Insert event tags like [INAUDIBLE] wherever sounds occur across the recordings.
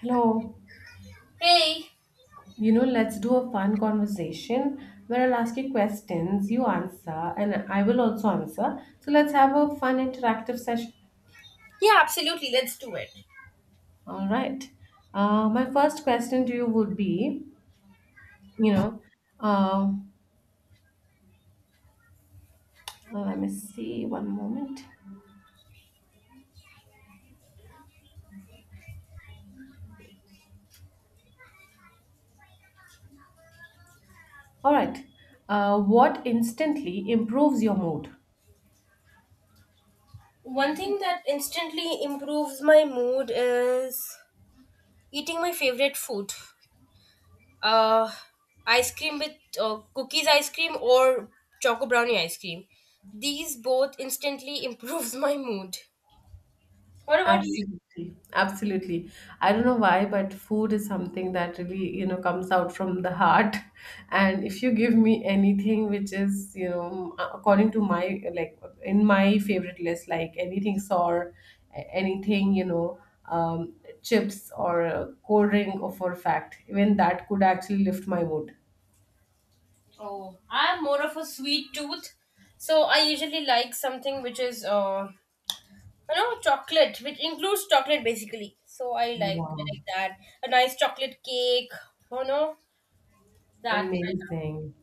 Hello. Hey, You know, let's do a fun conversation where I'll ask you questions, you answer, and I will also answer. So let's have a fun interactive session. yeah, absolutely. Let's do it. All right. My first question to you would be, you know, uh, let me see one moment. All right. What instantly improves your mood? One thing that instantly improves my mood is eating my favorite food. Uh, ice cream with cookies ice cream or choco brownie ice cream. These both instantly [LAUGHS] improves my mood. What about you? Absolutely, absolutely. I don't know why, but food is something that really, you know, comes out from the heart. [LAUGHS] And if you give me anything which is, you know, according to my like in my favorite list, like anything sour, anything, um, chips or a cold drink, or for a fact, even that could actually lift my mood. Oh, I'm more of a sweet tooth. So I usually like something which is you know chocolate, which includes chocolate basically. So I Wow. like that. A nice chocolate cake, you know, that Amazing.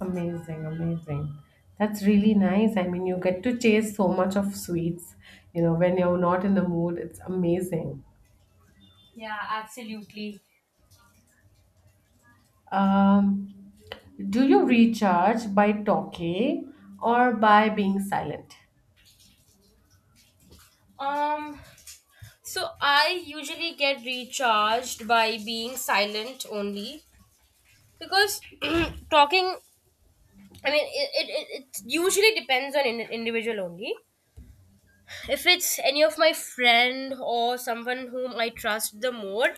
Amazing, amazing. That's really nice. I mean, you get to chase so much of sweets, you know, when you're not in the mood. It's amazing. yeah, absolutely. Um, do you recharge by talking or by being silent? um so I usually get recharged by being silent only because [CLEARS THROAT] talking, I mean it usually depends on in individual only. If it's any of my friend or someone whom I trust, the more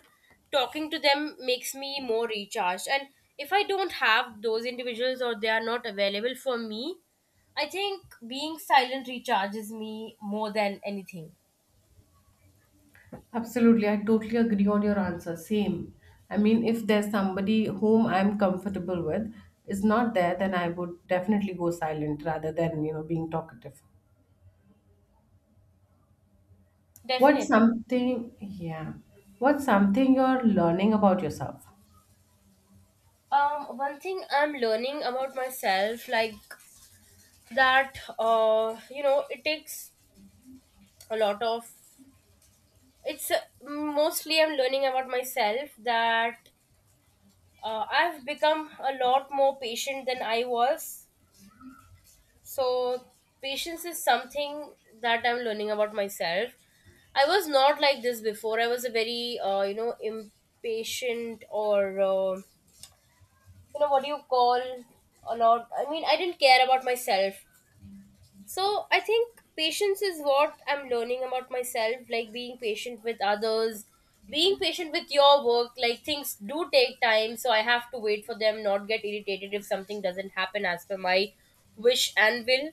talking to them makes me more recharged. And if I don't have those individuals or they are not available for me, I think being silent recharges me more than anything. Absolutely, I totally agree on your answer. Same. I mean, if there's somebody whom I'm comfortable with is not there, then I would definitely go silent rather than, you know, being talkative. What's Definitely. something, yeah, what's something you're learning about yourself? One thing I'm learning about myself, like you know, it takes a lot of. It's mostly I'm learning about myself that I've become a lot more patient than I was. So patience is something that I'm learning about myself. I was not like this before. I was a very, you know, impatient or, you know, what do you call a lot? I mean, I didn't care about myself. So I think patience is what I'm learning about myself, like being patient with others, being patient with your work. Like things do take time, so I have to wait for them, not get irritated if something doesn't happen as per my wish and will.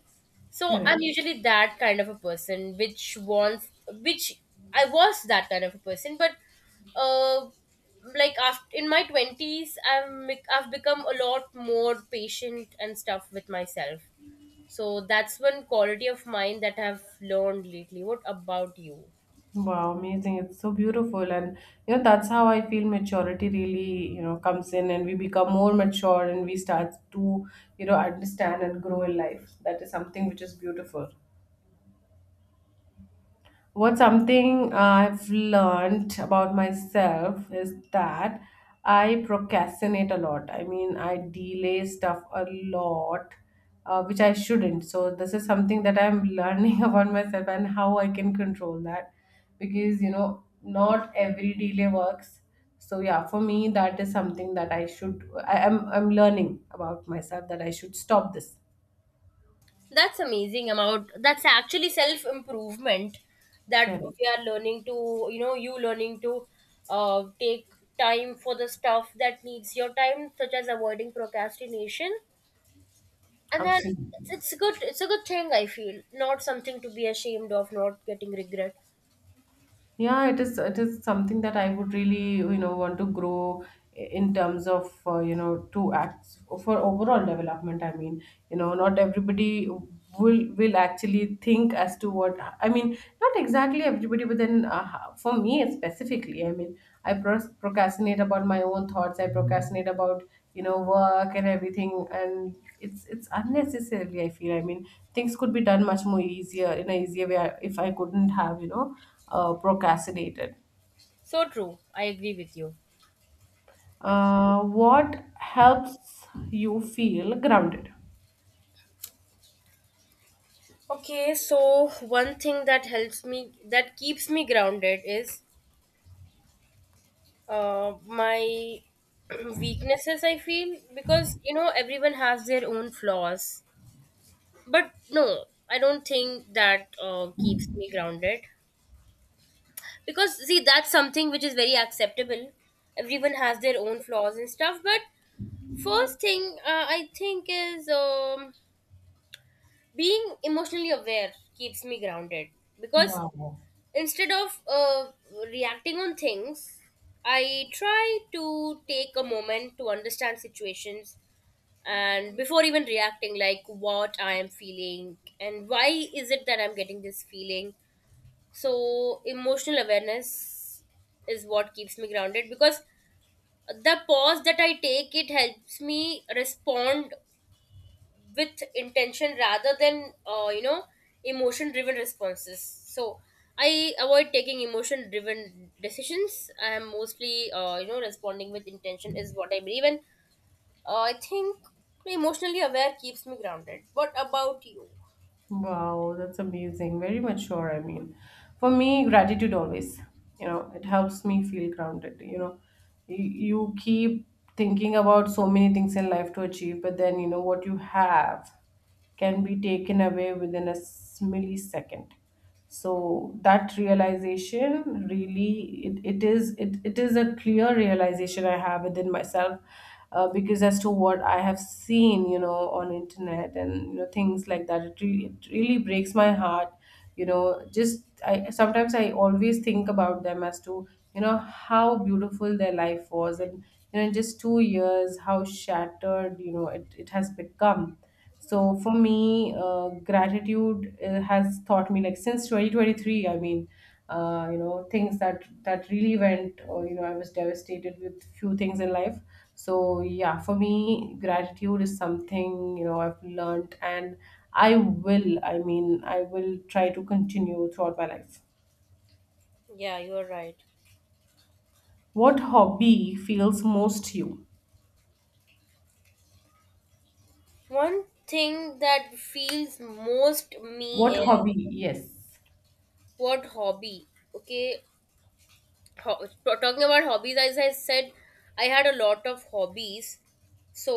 So Correct. I'm usually that kind of a person, which wants, which I was that kind of a person, but uh, like after in my twenties, have I I've become a lot more patient and stuff with myself. So that's one quality of mine that I've learned lately. What about you? Wow, amazing. It's so beautiful. And, you know, that's how I feel maturity really, you know, comes in and we become more mature and we start to, you know, understand and grow in life. That is something which is beautiful. What something I've learned about myself is that I procrastinate a lot. I mean, I delay stuff a lot, which I shouldn't. So this is something that I'm learning [LAUGHS] about myself and how I can control that, because you know, not every delay works. So yeah, for me, that is something that I should. I am. I'm learning about myself that I should stop this. That's amazing about that's actually self improvement that Correct. we are learning to, you know, you learning to take time for the stuff that needs your time, such as avoiding procrastination, and then Absolutely. it's good, it's a good thing I feel, not something to be ashamed of, not getting regret. Yeah, it is something that I would really, you know, want to grow in terms of you know to act for overall development. I mean, you know, not everybody will actually think as to what I mean. Not exactly everybody, but then for me specifically, I mean, I procrastinate about my own thoughts. I procrastinate about you know work and everything, and it's unnecessarily. I feel. I mean, things could be done much more easier in a easier way if I couldn't have you know procrastinated. So true, I agree with you. What helps you feel grounded? Okay, so one thing that helps me, that keeps me grounded is my [CLEARS THROAT] weaknesses, I feel, because you know everyone has their own flaws. But no, I don't think that keeps me grounded, because see, that's something which is very acceptable. Everyone has their own flaws and stuff, but first thing, I think is, being emotionally aware keeps me grounded. Because Wow. instead of reacting on things, I try to take a moment to understand situations, and before even reacting, like what I am feeling and why is it that I'm getting this feeling. So emotional awareness is what keeps me grounded, because the pause that I take, it helps me respond with intention rather than, you know, emotion driven responses. So I avoid taking emotion driven decisions. I am mostly, you know, responding with intention is what I believe in. I think emotionally aware keeps me grounded. What about you? Wow, that's amazing. Very mature, I mean. For me, gratitude always, you know, it helps me feel grounded. You know, you keep thinking about so many things in life to achieve, but then, you know, what you have can be taken away within a millisecond. So that realization really it is a clear realization I have within myself because as to what I have seen you know on internet and you know things like that it really breaks my heart you know just I sometimes I always think about them as to you know how beautiful their life was and you know in just 2 years how shattered you know it has become so for me, gratitude has taught me like since 2023. I mean, you know, things that really went. Or, you know, I was devastated with few things in life. So yeah, for me, gratitude is something you know I've learned, and I will try to continue throughout my life. Yeah, you are right. What hobby feels most to you? One thing that feels most me What is hobby? Yes. what hobby. Okay. Talking about hobbies, as I said, I had a lot of hobbies. So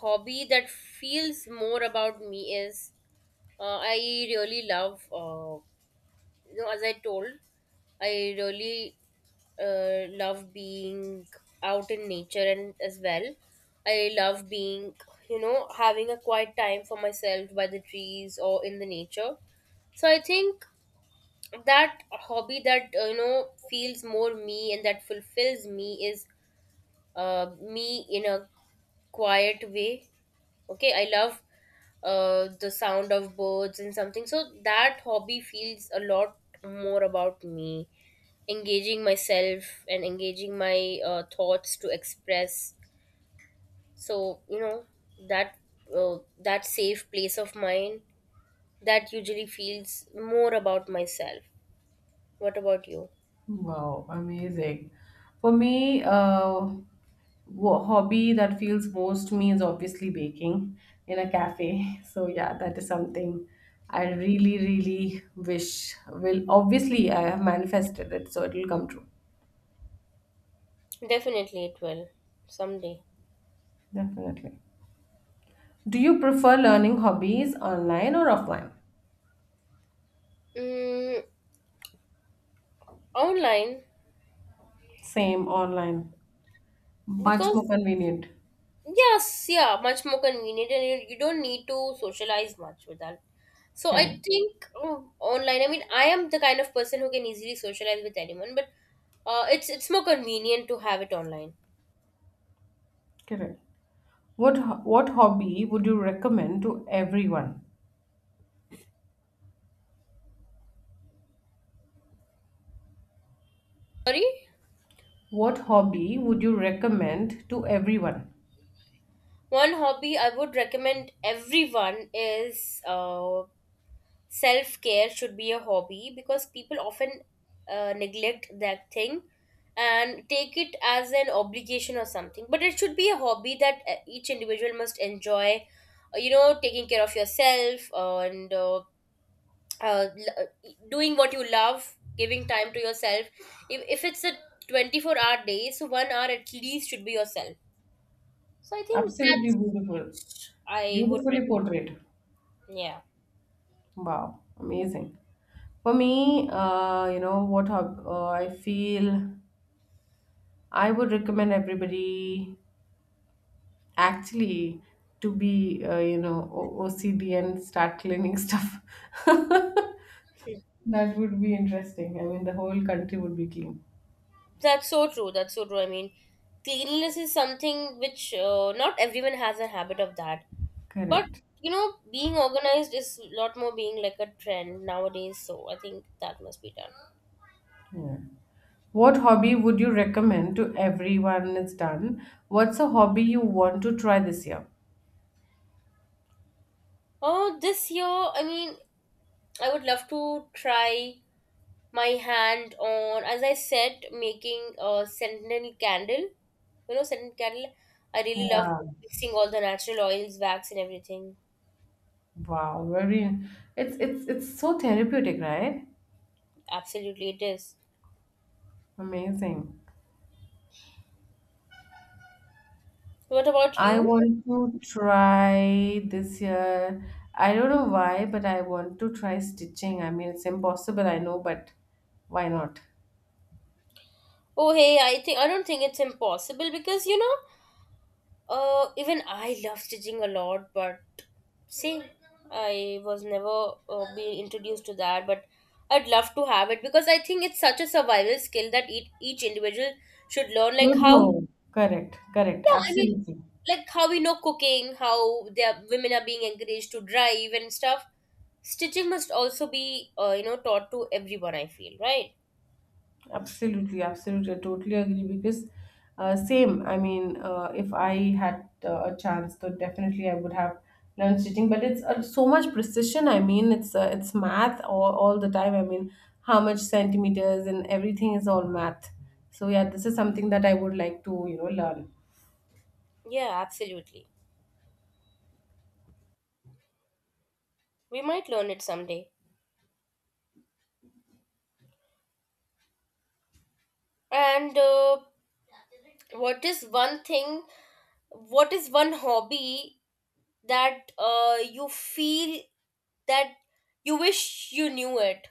hobby that feels more about me is I really love, you know, as I told, I really love being out in nature. And as well, I love being, you know, having a quiet time for myself by the trees or in the nature. So I think that hobby that, you know, feels more me and that fulfills me is me in a quiet way. Okay, I love the sound of birds and something. So that hobby feels a lot more about me, engaging myself and engaging my thoughts to express. So you know that that safe place of mine, that usually feels more about myself. What about you? Wow, amazing. For me, hobby that feels most to me is obviously baking in a cafe. [LAUGHS] So yeah, that is something I really, really wish will. Obviously, I have manifested it, so it will come true. Definitely, it will someday. Definitely. Do you prefer learning hobbies online or offline? Mm, online. Same online. Much more Because convenient. yes, yeah, much more convenient, and you don't need to socialize much with that. So Correct. I think, online. I mean, I am the kind of person who can easily socialize with anyone, but it's more convenient to have it online. Correct. What hobby would you recommend to everyone? Sorry, What hobby would you recommend to everyone? one hobby I would recommend everyone is self care should be a hobby, because people often neglect that thing and take it as an obligation or something, but it should be a hobby that each individual must enjoy, you know, taking care of yourself, doing what you love, giving time to yourself. If it's a 24-hour day, so 1 hour at least should be yourself. So I think Absolutely that's beautiful. what I would Beautifully portrayed. recommend. Yeah. Wow, amazing. For me, you know, I feel I would recommend everybody actually to be, you know, OCD and start cleaning stuff. [LAUGHS] That would be interesting. I mean, the whole country would be clean. That's so true. That's so true. I mean, cleanliness is something which, not everyone has a habit of that. But Correct. you know, being organized is a lot more being like a trend nowadays. So I think that must be done. Yeah. What hobby would you recommend to everyone is done? What's a hobby you want to try this year? Oh, this year, I mean, I would love to try my hand on, as I said, making a scented candle. You know, scented candle. I really love Yeah. mixing all the natural oils, wax, and everything. Wow, very it's so therapeutic, right? Absolutely, it is. Amazing. What about I you? want to try this year. I don't know why, but I want to try stitching. I mean, it's impossible, I know, but why not? Oh, hey, I think I don't think it's impossible, because you know, even I love stitching a lot, but see, I was never being introduced to that, but I'd love to have it, because I think it's such a survival skill that each individual should learn, like Should how, know. Correct, correct, yeah, I mean, absolutely. like how we know cooking, how their women are being encouraged to drive and stuff. Stitching must also be, you know, taught to everyone, I feel, right? Absolutely, absolutely. I totally agree because same. I mean, if I had a chance, though, definitely I would have learned stitching. But it's so much precision. I mean, it's math all the time. I mean, how much centimeters and everything is all math. So yeah, this is something that I would like to you know learn. Yeah, absolutely. We might learn it someday. And what is one thing what is one hobby that, you feel that you wish you knew it,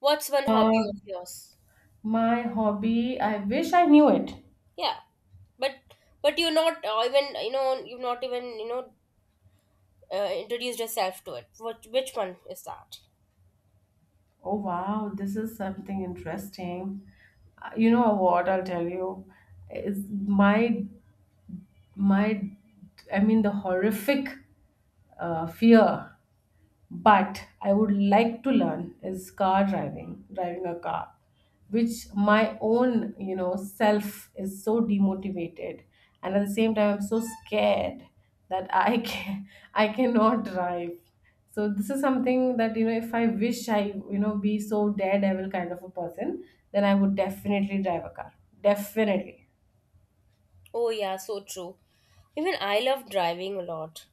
what's one Uh, hobby of yours. my hobby. I wish I knew it. Yeah, but but you're not, even you know, you've not even you know, introduced yourself to it, what which one is that. Oh wow, this is something interesting. You know what? I'll tell you. Is my my I mean the horrific fear but I would like to learn is car driving driving a car which my own you know self is so demotivated and at the same time I'm so scared that I can [LAUGHS] I cannot drive so this is something that you know if I wish I you know be so daredevil kind of a person then I would definitely drive a car. Definitely. Oh yeah, so true, even I love driving a lot.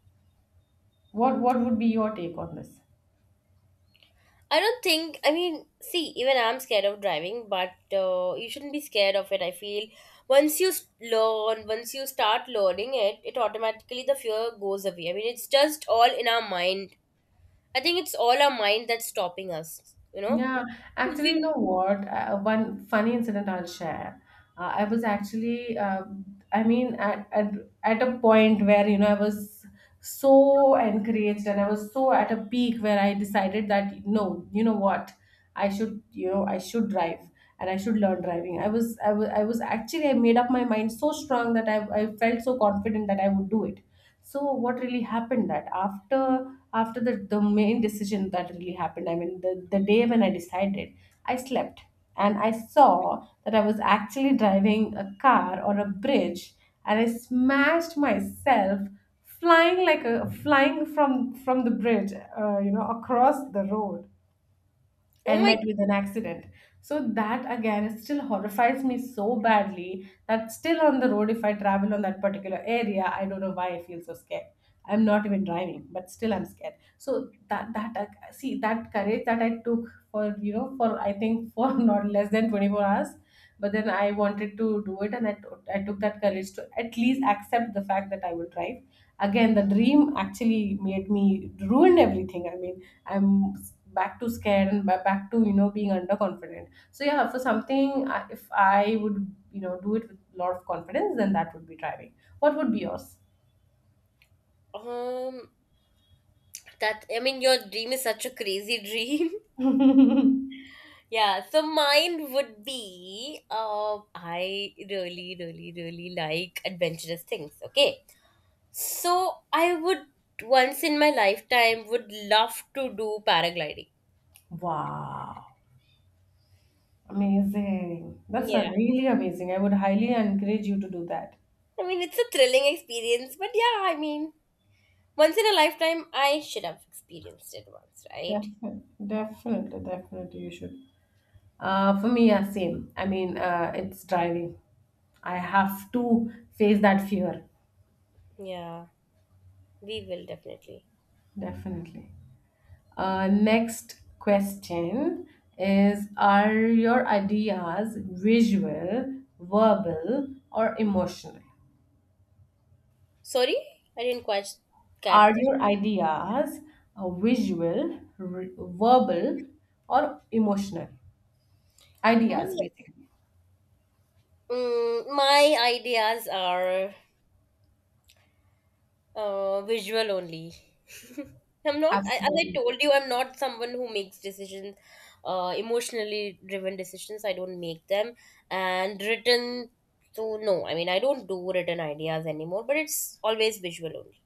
What would be your take on this? I don't think, I mean, see, even I'm scared of driving, but you shouldn't be scared of it. I feel once you learn, once you start learning it, it automatically the fear goes away. I mean, it's just all in our mind. I think it's all our mind that's stopping us, you know? Yeah, So actually, you we, know what? One funny incident I'll share. I was actually, I mean, At a point where, you know, I was so encouraged and I was so at a peak where I decided that no, you know what, I should drive and I should learn driving. I made up my mind so strong that I felt so confident that I would do it. So what really happened that after the main decision that really happened, I mean, the day when I decided, I slept and I saw that I was actually driving a car on a bridge and I smashed myself flying like a flying from the bridge you know across the road oh and my. met with an accident so that again it still horrifies me so badly that still on the road if I travel on that particular area I don't know why I feel so scared I'm not even driving but still I'm scared so that that see that courage that I took for you know for I think for [LAUGHS] not less than 24 hours but then I wanted to do it and I took that courage to at least accept the fact that I will drive again. The dream actually made me ruined everything. I mean I'm back to scared and back to you know being underconfident so yeah for something if I would you know do it with a lot of confidence then that would be driving. What would be yours? um, that, I mean, your dream is such a crazy dream. [LAUGHS] [LAUGHS] Yeah, so mine would be, I really, really, really like adventurous things, okay? So I would once in my lifetime would love to do paragliding. Wow, amazing. That's a Yeah. really amazing. I would highly encourage you to do that. I mean, it's a thrilling experience, but yeah, I mean, once in a lifetime, I should have experienced it once, right? Definitely, definitely, definitely, you should. For me, yeah, same. I mean, it's driving. I have to face that fear, Yeah, we will definitely. definitely. Next question is, are your ideas visual, verbal, or emotional? Sorry, I didn't quite get Are that. your ideas visual, verbal, or emotional? My, Ideas, basically. My ideas are visual only. [LAUGHS] I'm not, I, as I Absolutely. told you, I'm not someone who makes decisions, emotionally driven decisions. I don't make them. And written, so no, I mean, I don't do written ideas anymore, but it's always visual only.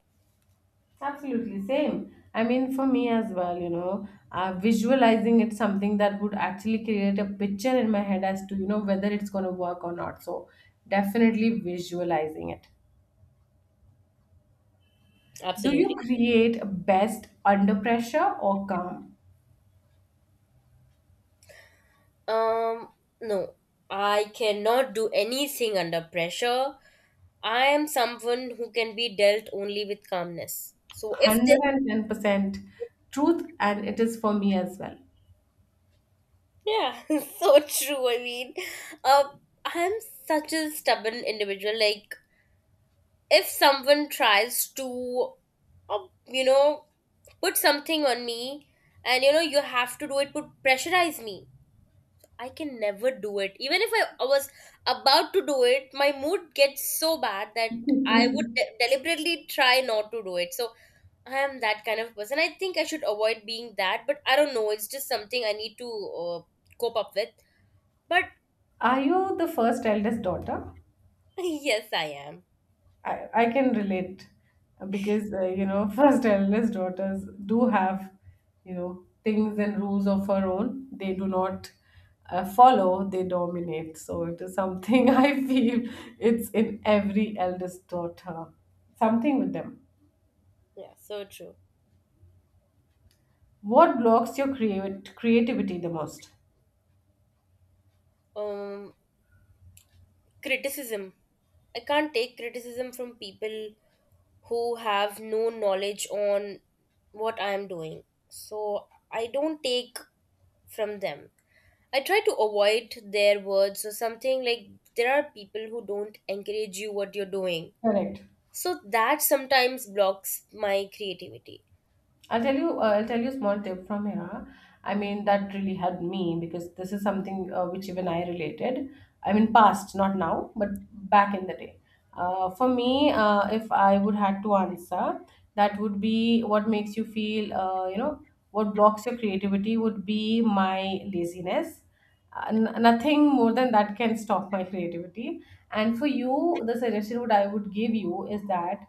Absolutely, same. I mean, for me as well, you know, visualizing it's something that would actually create a picture in my head as to, you know, whether it's going to work or not. So, definitely visualizing it. Do you Absolutely. create best under pressure or calm? Um, no, I cannot do anything under pressure. I am someone who can be dealt only with calmness. So if there's 110% truth, and it is for me as well. yeah, [LAUGHS] so true. I mean, uh, I'm such a stubborn individual. Like, if someone tries to, uh, you know, put something on me and, you know, you have to do it, put pressurize me, I can never do it. Even if I was about to do it, my mood gets so bad that I would [LAUGHS] deliberately try not to do it. So, I am that kind of person. I think I should avoid being that, but I don't know. It's just something I need to cope up with. But Are you the first eldest daughter? [LAUGHS] yes, I am. I can relate because you know [LAUGHS] first eldest daughters do have you know things and rules of her own they do not follow they dominate so it is something [LAUGHS] I feel it's in every eldest daughter something with them. Yeah, so true. What blocks your create creativity the most? Um, criticism. I can't take criticism from people who have no knowledge on what I am doing. So I don't take from them. I try to avoid their words or something like there are people who don't encourage you what you're doing. Correct. So that sometimes blocks my creativity. I'll tell you. I'll tell you a small tip from here. I mean, that really helped me because this is something which even I related. I mean, past, not now, but back in the day. For me, if I would had to answer, that would be what makes you feel. You know, what blocks your creativity would be my laziness. Nothing more than that can stop my [LAUGHS] creativity. And for you, the suggestion would I would give you is that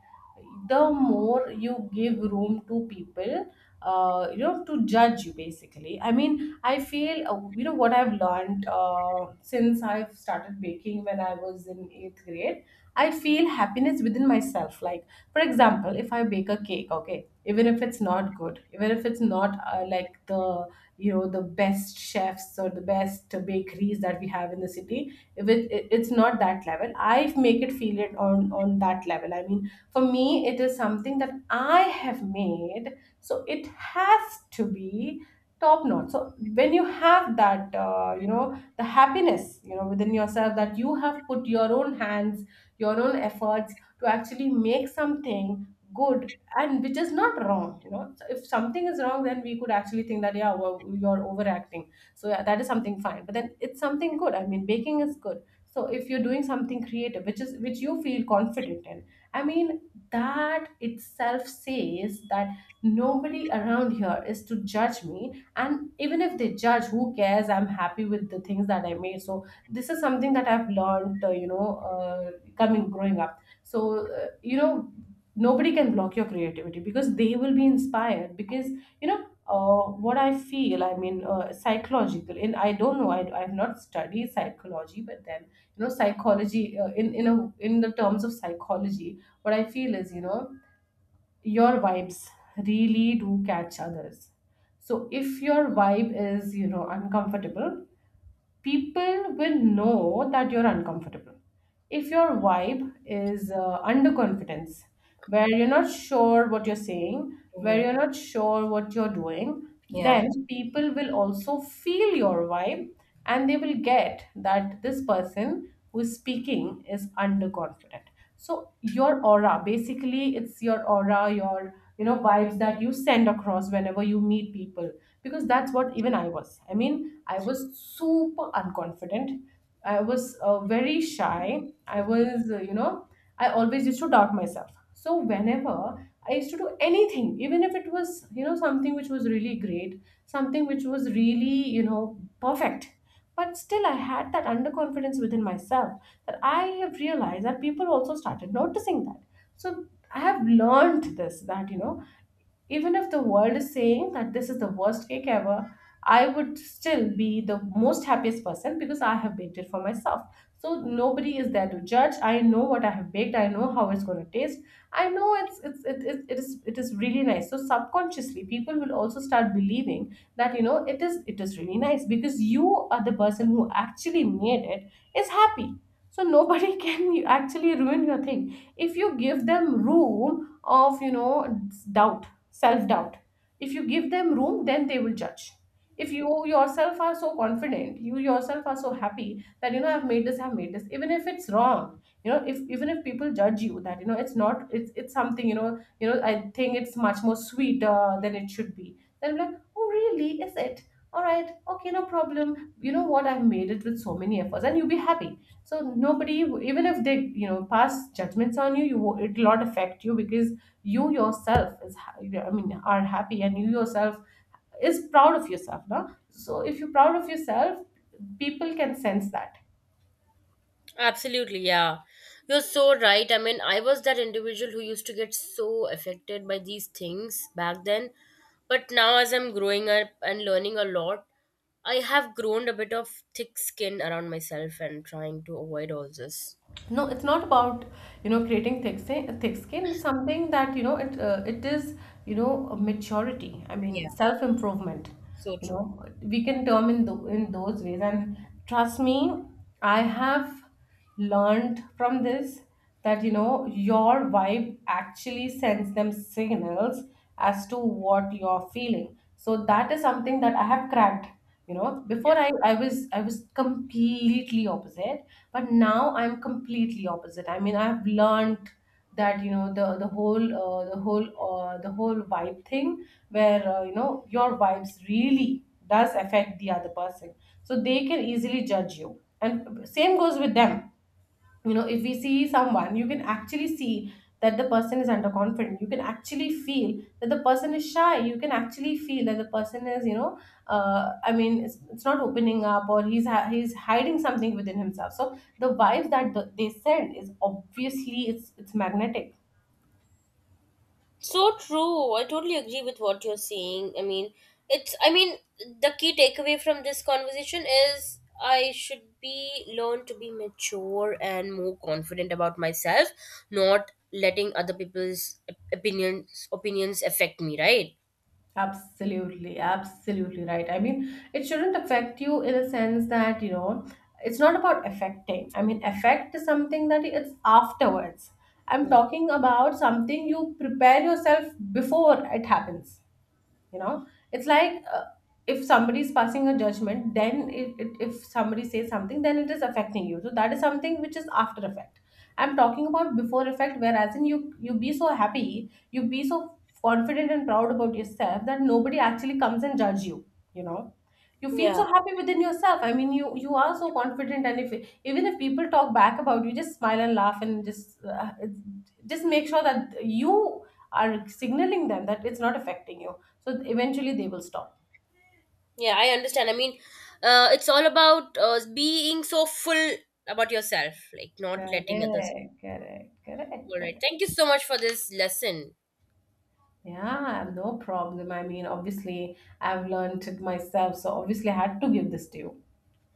the more you give room to people you know, to judge you basically. I feel, you know, what I've learned, since I've started baking when I was in eighth grade, I feel happiness within myself. Like, for example, if I bake a cake, okay, even if it's not good, even if it's not like the, you know, the best chefs or the best bakeries that we have in the city, if it's not that level, I make it feel it on that level. I mean, for me it is something that I have made, so it has to be top notch. So when you have that, you know, the happiness, you know, within yourself, that you have put your own hands, your own efforts to actually make something good, and which is not wrong, you know. So if something is wrong, then we could actually think that, yeah, well, you're overacting, so yeah, that is something fine. But then it's something good. I mean, baking is good. So if you're doing something creative which is which you feel confident in, I mean, that itself says that nobody around here is to judge me. And even if they judge, who cares? I'm happy with the things that I made. So this is something that I've learned, uh, coming growing up. So, you know, nobody can block your creativity, because they will be inspired. Because, you know, what I feel, I mean, psychological. And I don't know, I've not studied psychology, but then, you know, psychology, in a in the terms of psychology, what I feel is, you know, your vibes really do catch others. So if your vibe is, you know, uncomfortable, people will know that you're uncomfortable. If your vibe is underconfidence, where you're not sure what you're saying, where Hmm. you're not sure what you're doing, Yeah. then people will also feel your vibe, and they will get that this person who is speaking is underconfident. So your aura, basically, it's your aura, your, you know, vibes that you send across whenever you meet people. Because that's what even I was. I mean, I was super unconfident. I was very shy. I was, you know, I always used to doubt myself. So whenever I used to do anything, even if it was, you know, something which was really great, something which was really, you know, perfect, but still, I had that underconfidence within myself, that I have realized that people also started noticing that. So I have learned this, that, you know, even if the world is saying that this is the worst cake ever, I would still be the most happiest person, because I have baked it for myself. So nobody is there to judge. I know what I have baked. I know how it's going to taste. I know it's it, it, it is really nice. So subconsciously, people will also start believing that, you know, it is really nice, because you are the person who actually made it is happy. So nobody [LAUGHS] can actually ruin your thing if you give them room of, you know, doubt, self doubt. If you give them room, then they will judge. If you yourself are so confident, you yourself are so happy that, you know, I've made this, even if it's wrong, you know, if even if people judge you that, you know, it's not, it's something, you know, I think it's much more sweeter than it should be, then I'm like, oh really, is it? All right, okay, no problem, you know, what, I've made it with so many efforts and you'll be happy. So nobody, even if they, you know, pass judgments on you, it'll not affect you, because you yourself I mean, are happy, and you yourself is proud of yourself. No, so if you're proud of yourself, people can sense that. Absolutely, yeah. You're so right. I mean, I was that individual who used to get so affected by these things back then. But now, as I'm growing up and learning a lot, I have grown a bit of thick skin around myself and trying to avoid all this. No, it's not about, you know, creating thick skin. It's something that, you know, it is, you know, a maturity. I mean, Yeah, self improvement, so you true. know, we can term in those ways. And trust me, I have learned from this, that, you know, your vibe actually sends them signals as to what you're feeling. So that is something that I have cracked, you know. Before I was, I was completely opposite, but now I'm completely opposite. I mean, I've learned that, you know, the whole, the whole vibe thing, where, you know, your vibes really does affect the other person. So they can easily judge you, and same goes with them. You know, if we see someone, you can actually see that the person is underconfident. You can actually feel that the person is shy. You can actually feel that the person is, you know, I mean, it's not opening up, or he's hiding something within himself. So the vibes that they send is obviously, it's magnetic. So true. I totally agree with what you're saying. I mean, it's I mean, the key takeaway from this conversation is I should be learn to be mature and more confident about myself, not letting other people's opinions affect me, right? Absolutely, absolutely right. I mean, it shouldn't affect you in a sense that, you know, it's not about affecting. I mean, affect is something that it's afterwards. I'm Mhm. talking about something you prepare yourself before it happens. You know, it's like, if somebody is passing a judgment, then if somebody says something, then it is affecting you. So that is something which is after effect. I'm talking about before effect, whereas in you, you be so happy, you be so confident and proud about yourself that nobody actually comes and judge you. You know, you feel Yeah. so happy within yourself. I mean, you are so confident, and if even if people talk back about you, just smile and laugh and just make sure that you are signaling them that it's not affecting you, so eventually they will stop. Yeah, I understand. I mean, it's all about being so full about yourself, like not Correct, letting others. correct, correct, All right. correct. Thank you so much for this lesson. Yeah, no problem. I mean, obviously, I've learned it myself, so obviously, I had to give this to you.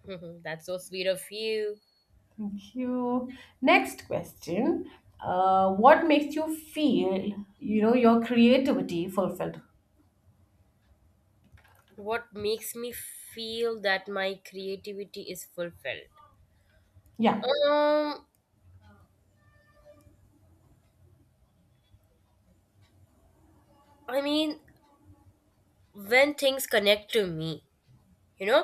[LAUGHS] That's so sweet of you. Thank you. Next question. What makes you feel, you know, your creativity fulfilled? What makes me feel that my creativity is fulfilled? Yeah. um I mean, when things connect to me, you know,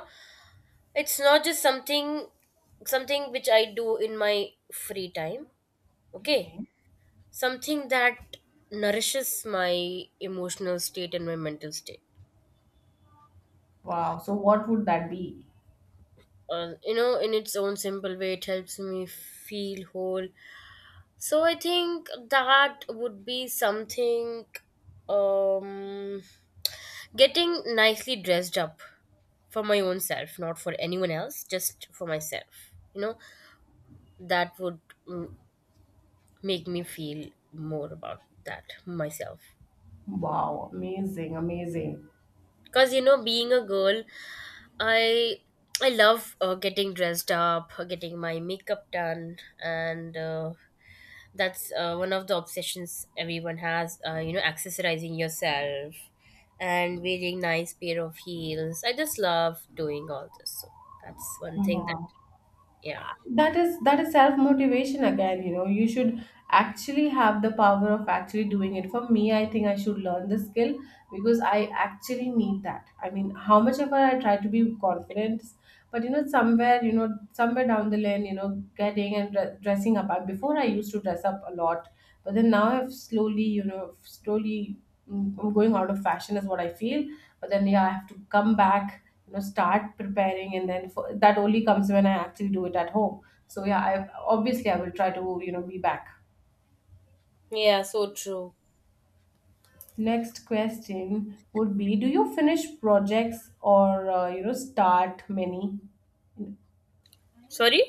it's not just something, something which I do in my free time. Okay, Okay. something that nourishes my emotional state and my mental state, Wow. So, what would that be? You know, in its own simple way, it helps me feel whole. So I think that would be something, um getting nicely dressed up for my own self, not for anyone else, just for myself. You know, that would, mm, make me feel more about that myself. Wow. Amazing. Amazing. Because, you know, being a girl, I. I love getting dressed up, getting my makeup done, and that's one of the obsessions everyone has. You know, accessorizing yourself and wearing nice pair of heels. I just love doing all this. So that's one thing. Wow. Yeah. That is, that is self motivation again. You know, you should actually have the power of actually doing it. For me, I think I should learn the skill, because I actually need that. I mean, how much ever I try to be confident, but you know, somewhere, you know, somewhere down the lane, you know, getting and dressing up, before I used to dress up a lot, but then now I've slowly, you know, slowly, mm, I'm going out of fashion is what I feel. But then yeah, I have to come back, you know, start preparing, and then that only comes when I actually do it at home. So yeah, I obviously, I will try to, you know, be back. Yeah, so true. Next question would be, do you finish projects, or you know, start many? Sorry?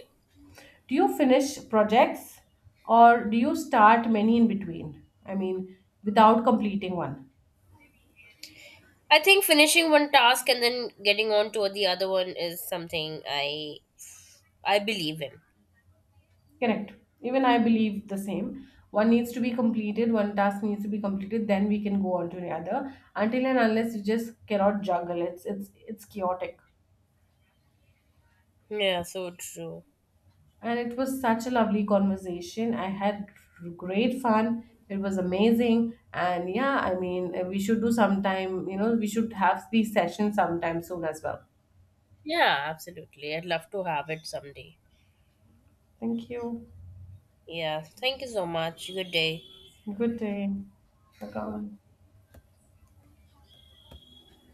Do you finish projects, or do you start many in between? I mean, without completing one. I think finishing one task and then getting on to the other one is something I believe in. Correct. Even I believe the same. One needs to be completed, one task needs to be completed, then we can go on to the other. Until and unless, you just cannot juggle. It's it's chaotic. Yeah, so true. And it was such a lovely conversation. I had great fun. It was amazing. And yeah, I mean, we should do sometime, you know, we should have these sessions sometime soon as well. Yeah, absolutely. I'd love to have it someday. Thank you. Yeah, thank you so much. Good day. Good day. Welcome.